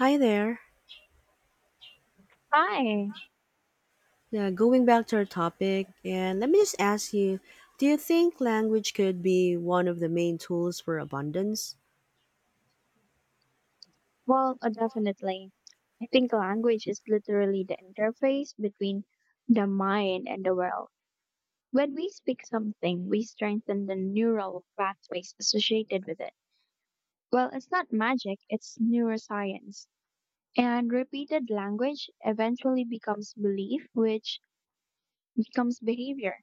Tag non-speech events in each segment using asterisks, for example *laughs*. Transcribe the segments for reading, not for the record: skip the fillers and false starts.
Hi there. Hi. Yeah, going back to our topic, and let me just ask you do you think language could be one of the main tools for abundance? Definitely. I think language is literally the interface between the mind and the world. When we speak something, we strengthen the neural pathways associated with it. Well, it's not magic, it's neuroscience. And repeated language eventually becomes belief, which becomes behavior,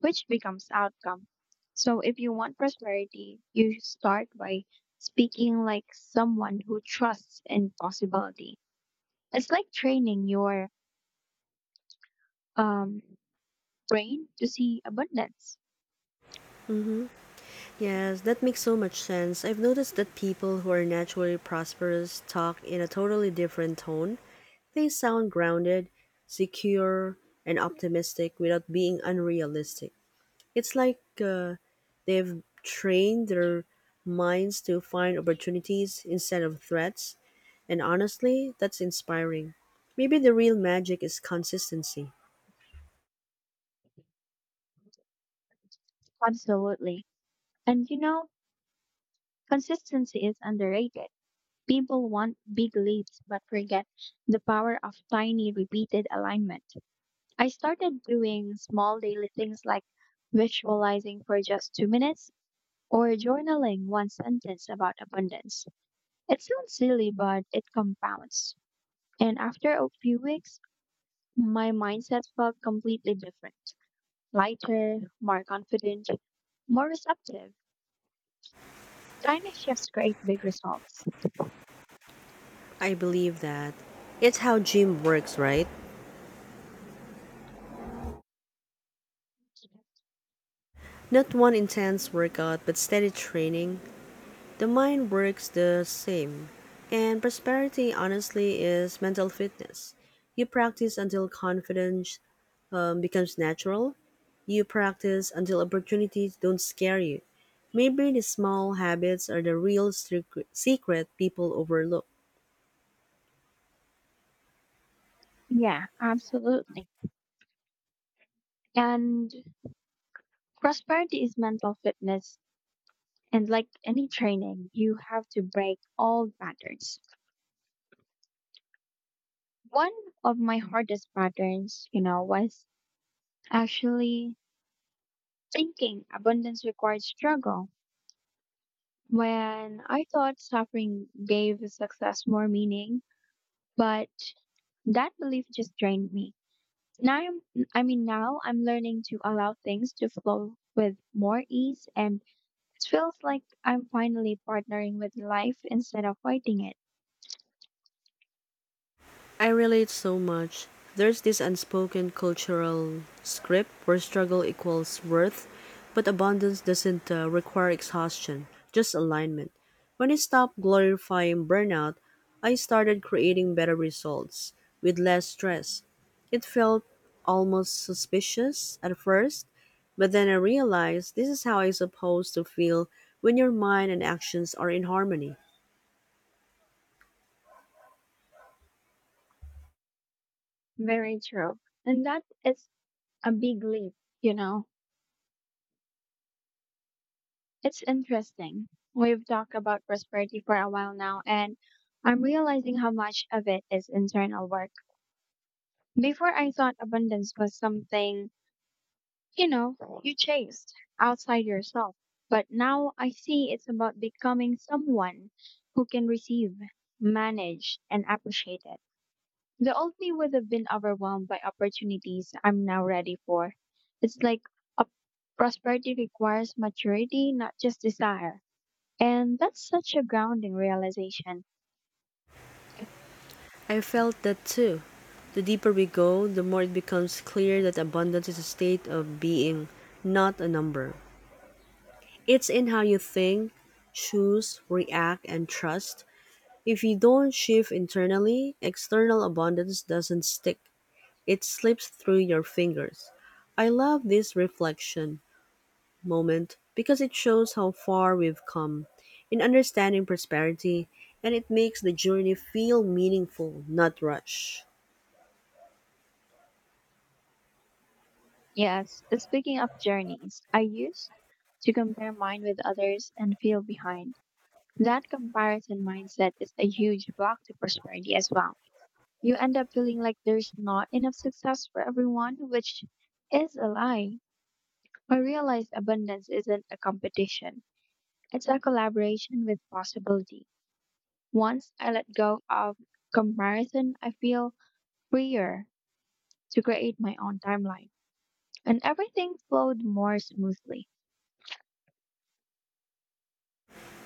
which becomes outcome. So if you want prosperity, you start by speaking like someone who trusts in possibility. It's like training your um brain to see abundance. Mm-hmm. Yes, that makes so much sense. I've noticed that people who are naturally prosperous talk in a totally different tone. They sound grounded, secure, and optimistic without being unrealistic. It's like they've trained their minds to find opportunities instead of threats, and honestly, that's inspiring. Maybe the real magic is consistency. Absolutely. And you know, consistency is underrated. People want big leaps but forget the power of tiny repeated alignment. I started doing small daily things like visualizing for just 2 minutes or journaling one sentence about abundance. It sounds silly but it compounds. And after a few weeks, my mindset felt completely different. Lighter, more confident, more receptive. Tiny shifts create big results. I believe that. It's how gym works, right? Not one intense workout, but steady training. The mind works the same. And prosperity, honestly, is mental fitness. You practice until confidence becomes natural. You practice until opportunities don't scare you. Maybe the small habits are the real secret people overlook. Yeah, absolutely. And prosperity is mental fitness. And like any training, you have to break all patterns. One of my hardest patterns, you know, was actually thinking abundance required struggle. When I thought suffering gave success more meaning, but that belief just drained me. Now I'm, now I'm learning to allow things to flow with more ease, and it feels like I'm finally partnering with life instead of fighting it. I relate so much. There's this unspoken cultural script where struggle equals worth, but abundance doesn't require exhaustion, just alignment. When I stopped glorifying burnout, I started creating better results with less stress. It felt almost suspicious at first, but then I realized this is how I'm supposed to feel when your mind and actions are in harmony. Very true. And that is a big leap, you know. It's interesting. We've talked about prosperity for a while now, and I'm realizing how much of it is internal work. Before I thought abundance was something, you know, you chased outside yourself, but now I see it's about becoming someone who can receive, manage, and appreciate it. The old me would have been overwhelmed by opportunities I'm now ready for. It's like a prosperity requires maturity, not just desire. And that's such a grounding realization. I felt that too. The deeper we go, the more it becomes clear that abundance is a state of being, not a number. It's in how you think, choose, react, and trust. If you don't shift internally, external abundance doesn't stick. It slips through your fingers. I love this reflection moment because it shows how far we've come in understanding prosperity, and it makes the journey feel meaningful, not rushed. Yes, speaking of journeys, I used to compare mine with others and feel behind. That comparison mindset is a huge block to prosperity as well. You end up feeling like there's not enough success for everyone, which is a lie. I realized abundance isn't a competition, it's a collaboration with possibility. Once I let go of comparison, I feel freer to create my own timeline, and everything flowed more smoothly.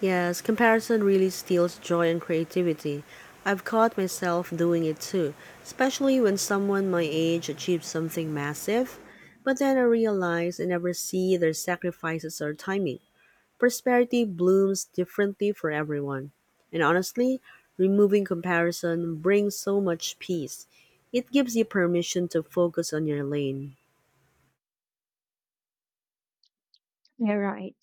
Yes, comparison really steals joy and creativity. I've caught myself doing it too, especially when someone my age achieves something massive. But then I realize I never see their sacrifices or timing. Prosperity blooms differently for everyone. And honestly, removing comparison brings so much peace. It gives you permission to focus on your lane. You're right.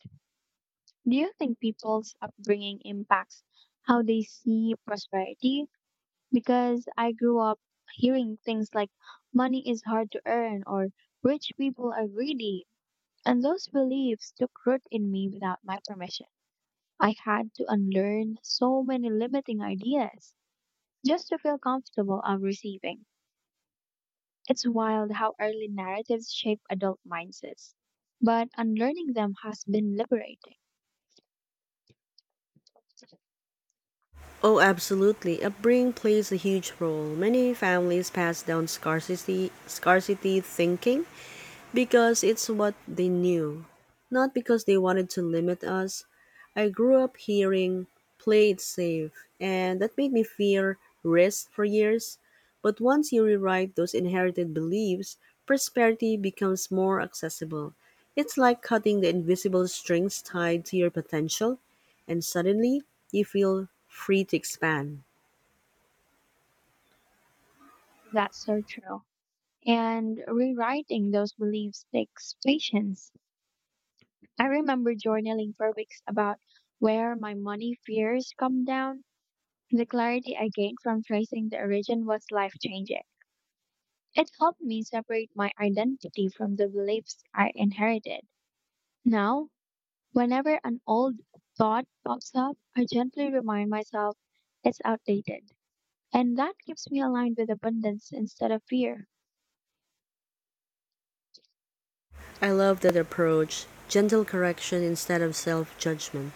Do you think people's upbringing impacts how they see prosperity? Because I grew up hearing things like money is hard to earn or rich people are greedy. And those beliefs took root in me without my permission. I had to unlearn so many limiting ideas just to feel comfortable of receiving. It's wild how early narratives shape adult mindsets, but unlearning them has been liberating. Oh, absolutely. Upbringing plays a huge role. Many families pass down scarcity thinking because it's what they knew, not because they wanted to limit us. I grew up hearing play it safe, and that made me fear risk for years. But once you rewrite those inherited beliefs, prosperity becomes more accessible. It's like cutting the invisible strings tied to your potential, and suddenly you feel free to expand. That's so true. And rewriting those beliefs takes patience. I remember journaling for weeks about where my money fears come down. The clarity I gained from tracing the origin was life changing. It helped me separate my identity from the beliefs I inherited. Now, whenever an old thought pops up, I gently remind myself it's outdated. And that keeps me aligned with abundance instead of fear. I love that approach, gentle correction instead of self judgment.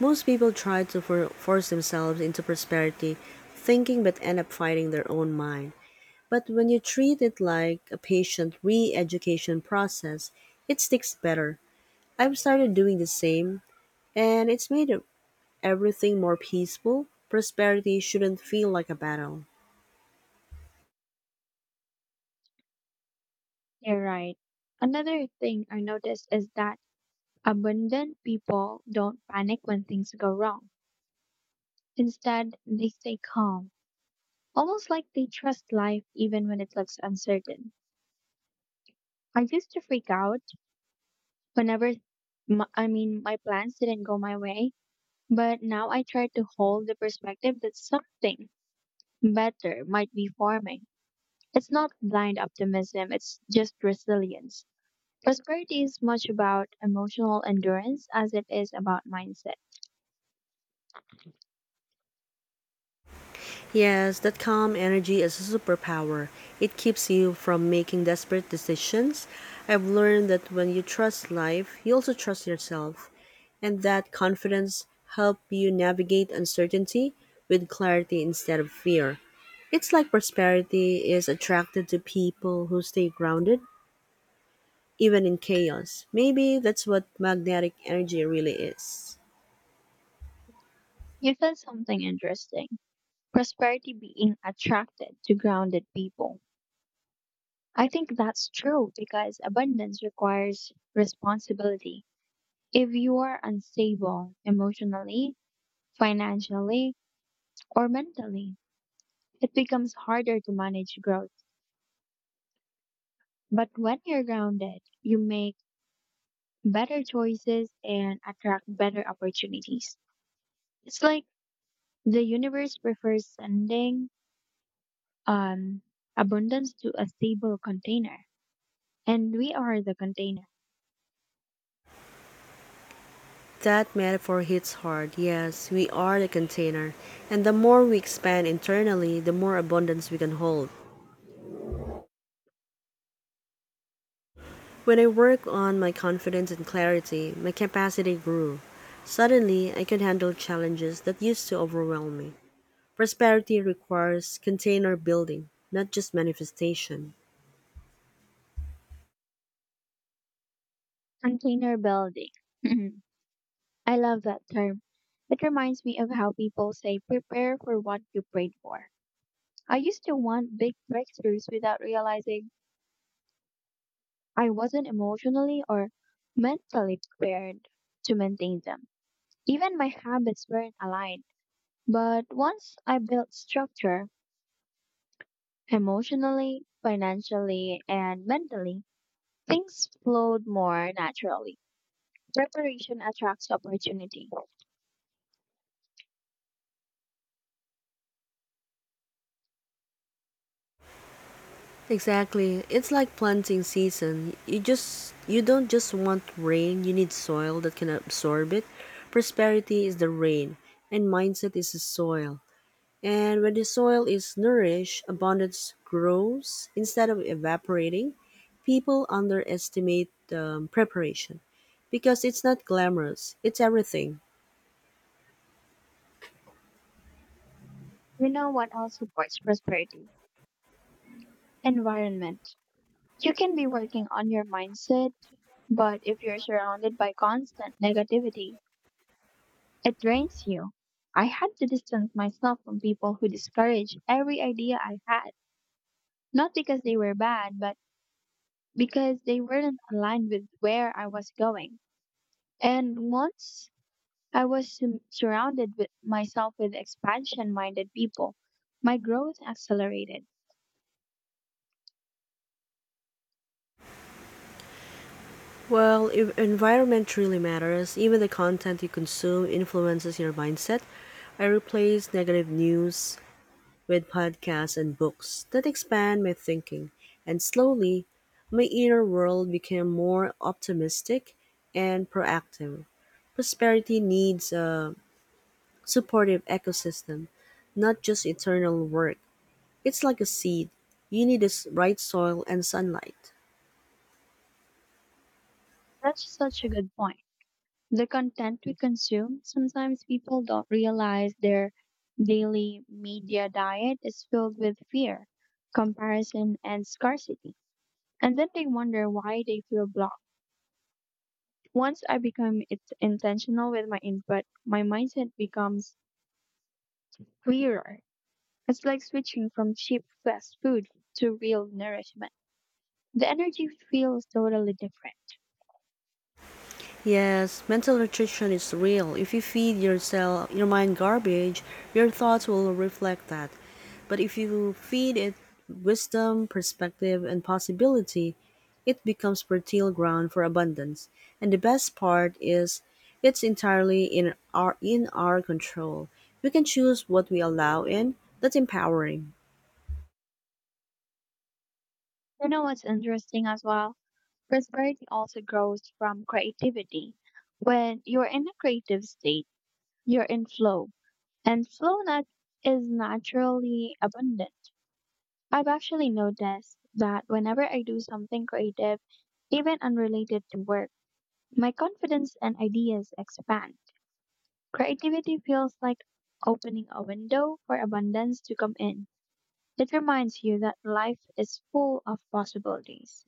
Most people try to force themselves into prosperity thinking but end up fighting their own mind. But when you treat it like a patient re education process, it sticks better. I've started doing the same, and it's made everything more peaceful. Prosperity shouldn't feel like a battle. You're right. Another thing I noticed is that abundant people don't panic when things go wrong. Instead, they stay calm, almost like they trust life even when it looks uncertain. I used to freak out whenever, m I mean, my plans didn't go my way, but now I try to hold the perspective that something better might be forming. It's not blind optimism, it's just resilience. Prosperity is much about emotional endurance as it is about mindset. Yes, that calm energy is a superpower. It keeps you from making desperate decisions. I've learned that when you trust life, you also trust yourself, and that confidence help you navigate uncertainty with clarity instead of fear. It's like prosperity is attracted to people who stay grounded even in chaos. Maybe that's what magnetic energy really is. You said something interesting. Prosperity being attracted to grounded people. I think that's true because abundance requires responsibility. If you are unstable emotionally, financially, or mentally, it becomes harder to manage growth. But when you're grounded, you make better choices and attract better opportunities. It's like the universe prefers sending um, abundance to a stable container, and we are the container, That metaphor hits hard. Yes, we are the container. And the more we expand internally, the more abundance we can hold. When I worked on my confidence and clarity, my capacity grew. Suddenly, I could handle challenges that used to overwhelm me. Prosperity requires container building, not just manifestation. container building. *laughs* I love that term. It reminds me of how people say prepare for what you prayed for. I used to want big breakthroughs without realizing I wasn't emotionally or mentally prepared to maintain them. Even my habits weren't aligned. But once I built structure, emotionally, financially, and mentally, things flowed more naturally. Preparation attracts opportunity. Exactly. It's like planting season. You don't just want rain, you need soil that can absorb it. Prosperity is the rain and mindset is the soil. And when the soil is nourished, abundance grows instead of evaporating. People underestimate preparation because it's not glamorous. It's everything. You know what else supports prosperity? Environment. You can be working on your mindset, but if you're surrounded by constant negativity, it drains you. I had to distance myself from people who discouraged every idea I had, not because they were bad, but because they weren't aligned with where I was going. And once I was surrounded with myself with expansion minded people, my growth accelerated. Well, if environment really matters, even the content you consume influences your mindset. I replace negative news with podcasts and books that expand my thinking, and slowly, my inner world became more optimistic and proactive. Prosperity needs a supportive ecosystem, not just eternal work. It's like a seed, you need the right soil and sunlight. That's such a good point. The content we consume, sometimes people don't realize their daily media diet is filled with fear, comparison, and scarcity. And then they wonder why they feel blocked. Once I become it intentional with my input, my mindset becomes clearer. It's like switching from cheap fast food to real nourishment. The energy feels totally different. Yes, mental nutrition is real. If you feed yourself, your mind garbage, your thoughts will reflect that. But if you feed it wisdom, perspective, and possibility, it becomes fertile ground for abundance. And the best part is it's entirely in our control. We can choose what we allow in. That's empowering. You know what's interesting as well? Prosperity also grows from creativity. When you're in a creative state, you're in flow, and is naturally abundant. I've actually noticed that whenever I do something creative, even unrelated to work, my confidence and ideas expand. Creativity feels like opening a window for abundance to come in. It reminds you that life is full of possibilities.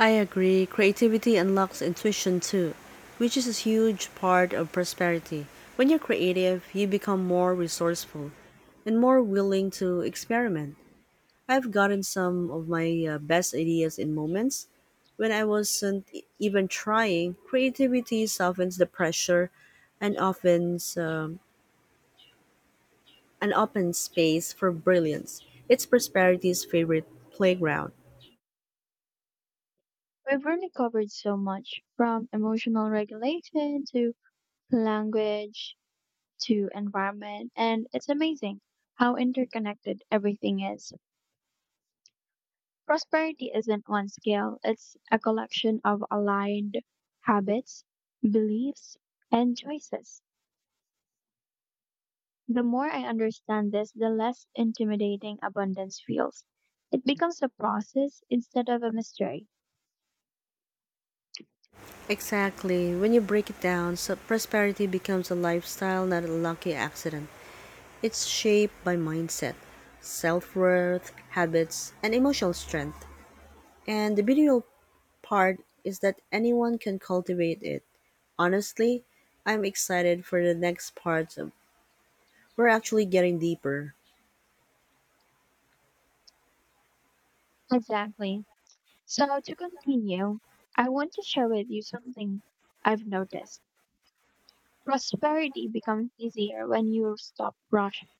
I agree. Creativity unlocks intuition too, which is a huge part of prosperity. When you're creative, you become more resourceful and more willing to experiment. I've gotten some of my best ideas in moments when I wasn't even trying. Creativity softens the pressure and opens an open space for brilliance. It's prosperity's favorite playground. We've really covered so much, from emotional regulation to language to environment, and it's amazing how interconnected everything is. Prosperity isn't one scale, it's a collection of aligned habits, beliefs, and choices. The more I understand this, the less intimidating abundance feels. It becomes a process instead of a mystery. Exactly. When you break it down, so prosperity becomes a lifestyle, not a lucky accident. It's shaped by mindset, self worth, habits, and emotional strength. And the beautiful part is that anyone can cultivate it. Honestly, I'm excited for the next parts. Of, we're actually getting deeper. Exactly. So, to continue, I want to share with you something I've noticed. Prosperity becomes easier when you stop rushing.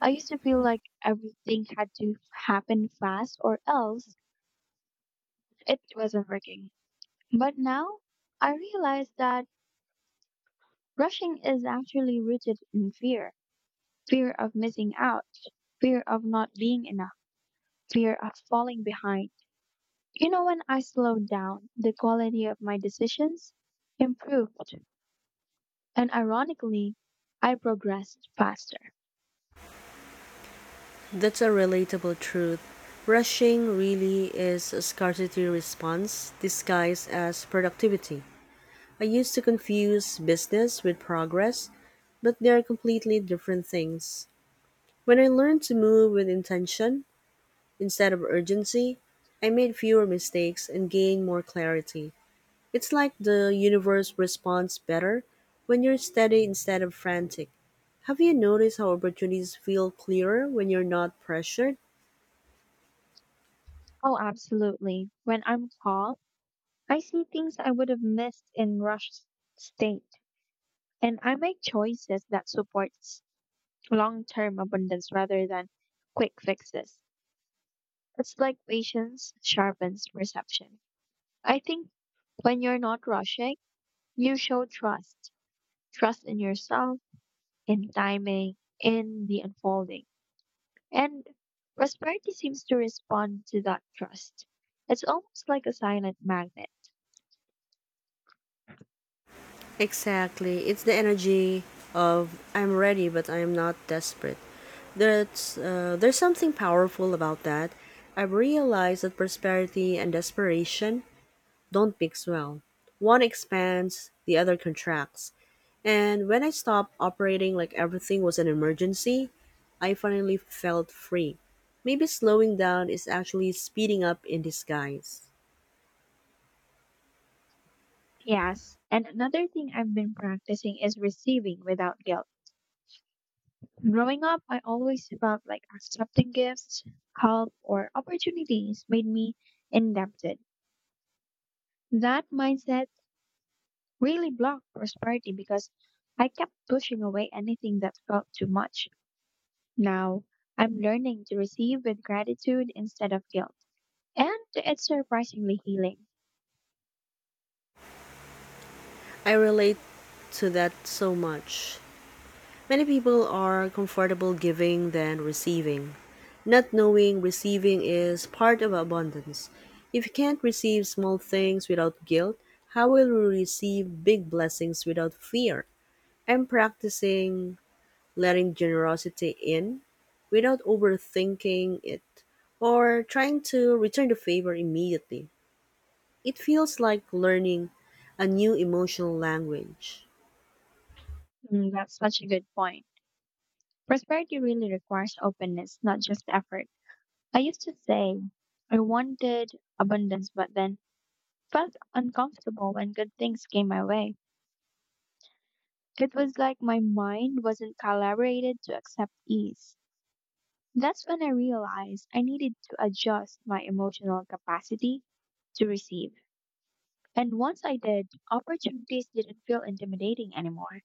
I used to feel like everything had to happen fast or else it wasn't working. But now I realize that rushing is actually rooted in fear, fear of missing out, fear of not being enough, fear of falling behind. You know, when I slowed down, the quality of my decisions improved. And ironically, I progressed faster. That's a relatable truth. Rushing really is a scarcity response disguised as productivity. I used to confuse business with progress, but they are completely different things. When I learned to move with intention instead of urgency, I made fewer mistakes and gained more clarity. It's like the universe responds better when you're steady instead of frantic. Have you noticed how opportunities feel clearer when you're not pressured? Oh, absolutely. When I'm calm, I see things I would have missed in rushed state. And I make choices that supports long-term abundance rather than quick fixes. It's like patience sharpens perception. I think when you're not rushing, you show trust. Trust in yourself, in timing, in the unfolding. And prosperity seems to respond to that trust. It's almost like a silent magnet. Exactly. It's the energy of I'm ready but I'm not desperate. There's something powerful about that. I've realized that prosperity and desperation don't mix well. One expands, the other contracts. And when I stopped operating like everything was an emergency, I finally felt free. Maybe slowing down is actually speeding up in disguise. Yes. And another thing I've been practicing is receiving without guilt. Growing up, I always felt like accepting gifts, help, or opportunities made me indebted. That mindset really blocked prosperity because I kept pushing away anything that felt too much. Now I'm learning to receive with gratitude instead of guilt. And it's surprisingly healing. I relate to that so much. Many people are comfortable giving than receiving. Not knowing receiving is part of abundance. If you can't receive small things without guilt, how will you receive big blessings without fear? I'm practicing letting generosity in without overthinking it or trying to return the favor immediately. It feels like learning a new emotional language. Mm, that's such a good point. Prosperity really requires openness, not just effort. I used to say I wanted abundance, but then felt uncomfortable when good things came my way. It was like my mind wasn't calibrated to accept ease. That's when I realized I needed to adjust my emotional capacity to receive. And once I did, opportunities didn't feel intimidating anymore.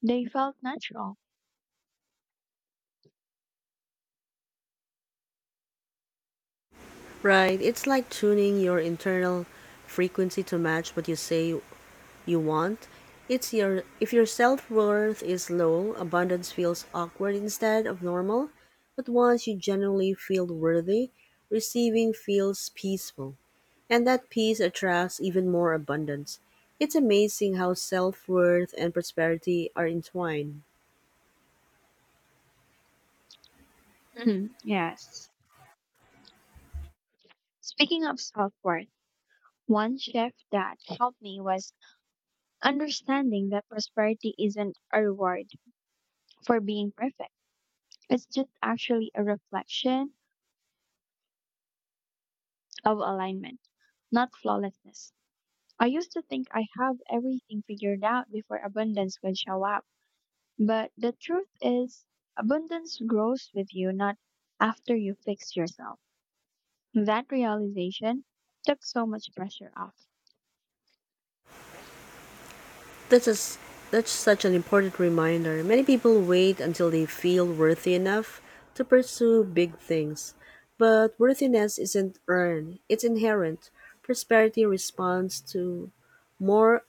They felt natural. Right, it's like tuning your internal frequency to match what you say you want. It's your if your self-worth is low, abundance feels awkward instead of normal, but once you genuinely feel worthy, receiving feels peaceful, and that peace attracts even more abundance. It's amazing how self-worth and prosperity are entwined. Mhm, yes. Speaking of self worth, one shift that helped me was understanding that prosperity isn't a reward for being perfect. It's just actually a reflection of alignment, not flawlessness. I used to think I have everything figured out before abundance would show up. But the truth is, abundance grows with you, not after you fix yourself. That realization took so much pressure off. That's, is that's such an important reminder. Many people wait until they feel worthy enough to pursue big things. But worthiness isn't earned, it's inherent. Prosperity responds to more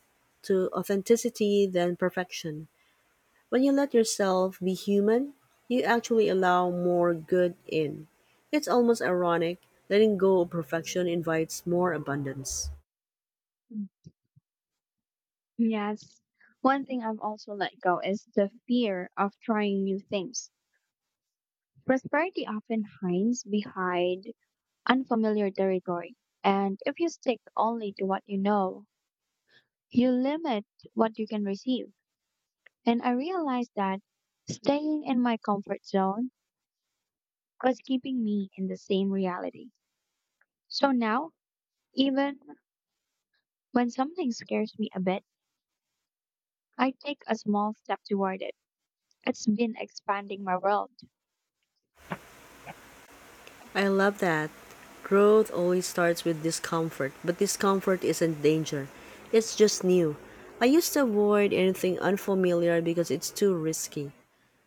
to authenticity than perfection. When you let yourself be human, you actually allow more good in. It's almost ironic, letting go of perfection invites more abundance. Mm. Yes. One thing I've also let go is the fear of trying new things. Prosperity often hides behind unfamiliar territory. And if you stick only to what you know, you limit what you can receive. And I realized that staying in my comfort zone was keeping me in the same reality. So now, even when something scares me a bit, I take a small step toward it. It's been expanding my world. I love that. Growth always starts with discomfort, but discomfort isn't danger. It's just new. I used to avoid anything unfamiliar because it's too risky.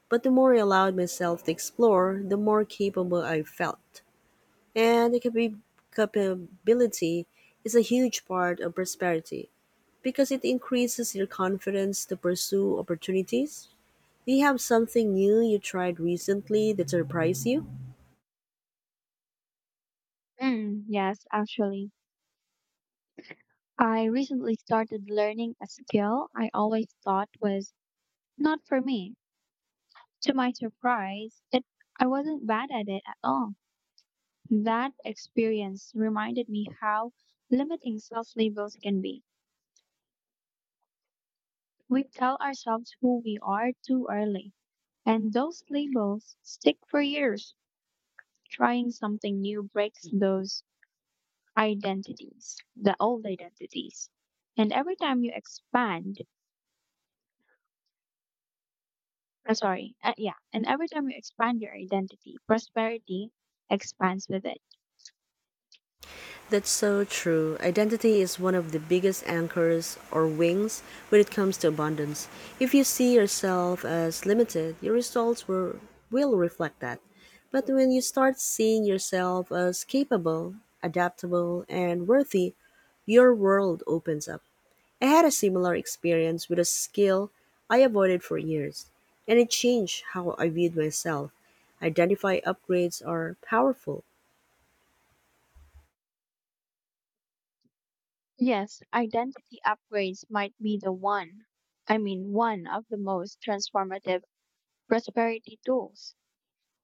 But the more I allowed myself to explore, the more capable I felt. And the capability is a huge part of prosperity because it increases your confidence to pursue opportunities. Do you have something new you tried recently that surprised you? Mm, yes, actually. I recently started learning a skill I always thought was not for me. To my surprise, it I wasn't bad at it at all. That experience reminded me how limiting self labels can be. We tell ourselves who we are too early. And those labels stick for years. Trying something new breaks those identities, the old identities. And every time you expand, I'm sorry, yeah, and every time you expand your identity, prosperity expands with it. That's so true. Identity is one of the biggest anchors or wings when it comes to abundance. If you see yourself as limited, your results will reflect that. But when you start seeing yourself as capable, adaptable, and worthy, your world opens up. I had a similar experience with a skill I avoided for years, and it changed how I viewed myself. Identify upgrades are powerful. Yes, identity upgrades might be the one, I mean, one of the most transformative prosperity tools.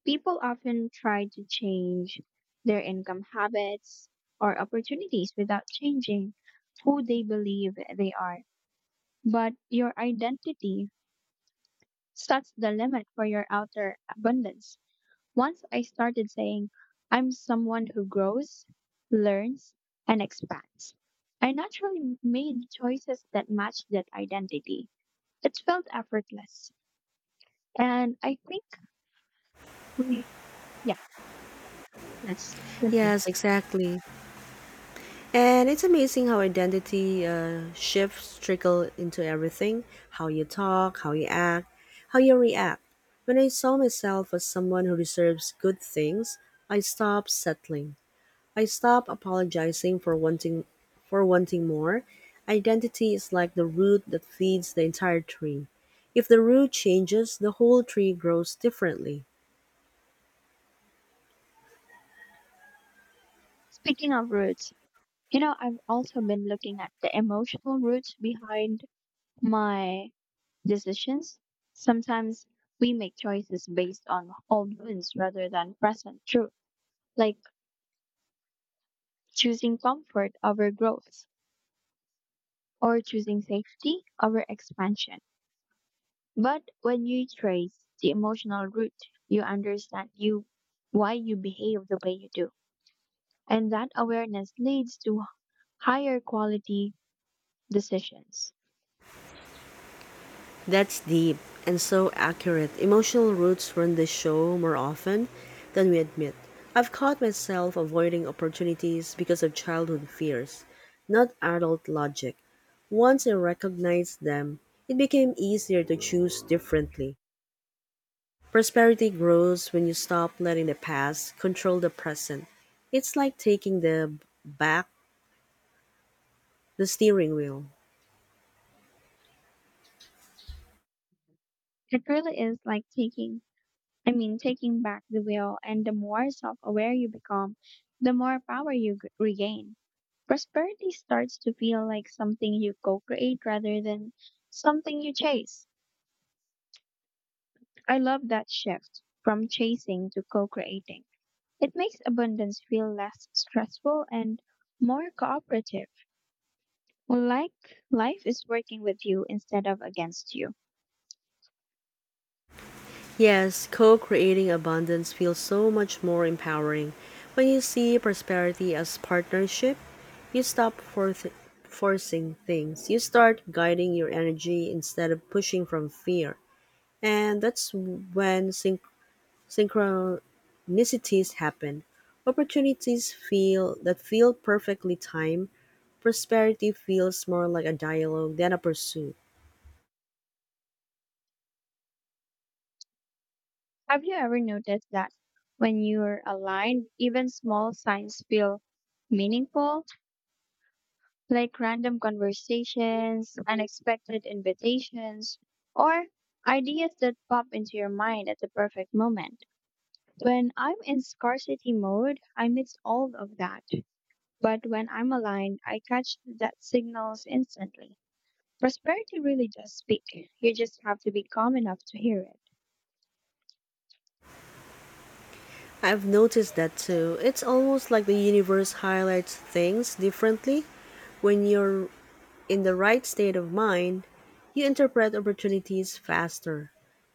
People often try to change their income habits or opportunities without changing who they believe they are. But your identity sets the limit for your outer abundance. Once I started saying, I'm someone who grows, learns, and expands, I naturally made choices that matched that identity. It felt effortless. And I think we, yeah, let's continue. Yes, exactly. And it's amazing how identity shifts trickle into everything, how you talk, how you act, how you react. When I saw myself as someone who deserves good things, I stopped settling. I stopped apologizing for wanting more. Identity is like the root that feeds the entire tree. If the root changes, the whole tree grows differently. Speaking of roots, you know, I've also been looking at the emotional roots behind my decisions. Sometimes we make choices based on old wounds rather than present truth, like choosing comfort over growth or choosing safety over expansion. But when you trace the emotional root, you understand you why you behave the way you do. And that awareness leads to higher quality decisions. That's deep and so accurate. Emotional roots run the show more often than we admit. I've caught myself avoiding opportunities because of childhood fears, not adult logic. Once I recognized them, it became easier to choose differently. Prosperity grows when you stop letting the past control the present. It's like taking the back the steering wheel. It really is like taking back the wheel, and the more self aware you become, the more power you regain. Prosperity starts to feel like something you co create rather than something you chase. I love that shift from chasing to co creating. It makes abundance feel less stressful and more cooperative, like life is working with you instead of against you. Yes, co creating abundance feels so much more empowering. When you see prosperity as partnership, you stop forcing things. You start guiding your energy instead of pushing from fear. And that's when synchronicities happen. Opportunities feel that feel perfectly timed. Prosperity feels more like a dialogue than a pursuit. Have you ever noticed that when you're aligned, even small signs feel meaningful? Like random conversations, unexpected invitations, or ideas that pop into your mind at the perfect moment. When I'm in scarcity mode, I miss all of that. But when I'm aligned, I catch that signals instantly. Prosperity really does speak. You just have to be calm enough to hear it. I've noticed that too. It's almost like the universe highlights things differently. When you're in the right state of mind, you interpret opportunities faster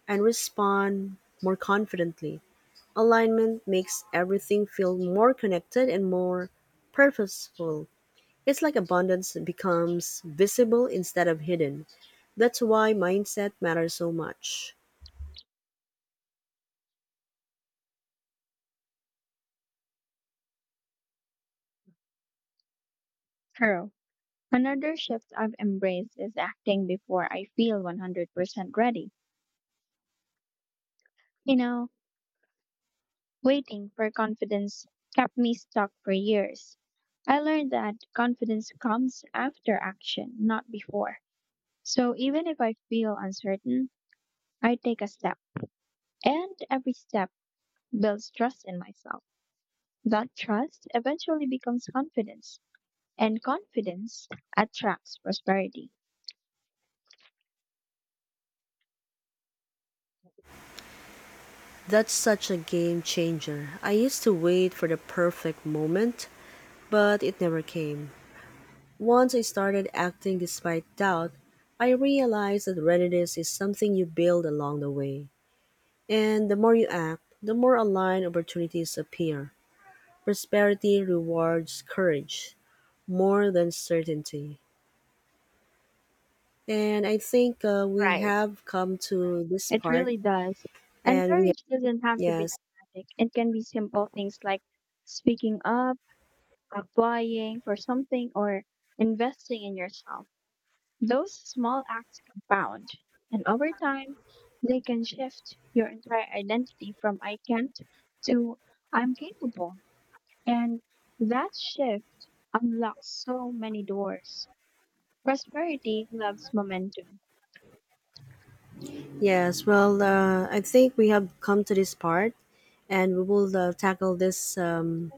and respond more confidently. Alignment makes everything feel more connected and more purposeful. It's like abundance becomes visible instead of hidden. That's why mindset matters so much. True. Another shift I've embraced is acting before I feel 100% ready. You know, waiting for confidence kept me stuck for years. I learned that confidence comes after action, not before. So even if I feel uncertain, I take a step, and every step builds trust in myself. That trust eventually becomes confidence, and confidence attracts prosperity. That's such a game changer. I used to wait for the perfect moment, but it never came. Once I started acting despite doubt, I realized that readiness is something you build along the way. And the more you act, the more aligned opportunities appear. Prosperity rewards courage more than certainty. And I think we Right. have come to this It part, really does. And and we courage doesn't have to be yes, dramatic. It can be simple things like speaking up, applying for something, or investing in yourself. Those small acts compound, and over time, they can shift your entire identity from I can't to I'm capable. And that shift unlocks so many doors. Prosperity loves momentum. yes. Well, I think we have come to this part, and we will tackle this um,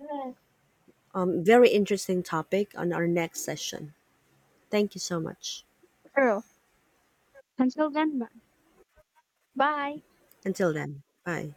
Um, very interesting topic on our next session. Thank you so much. True. Until then, bye. Until then, bye.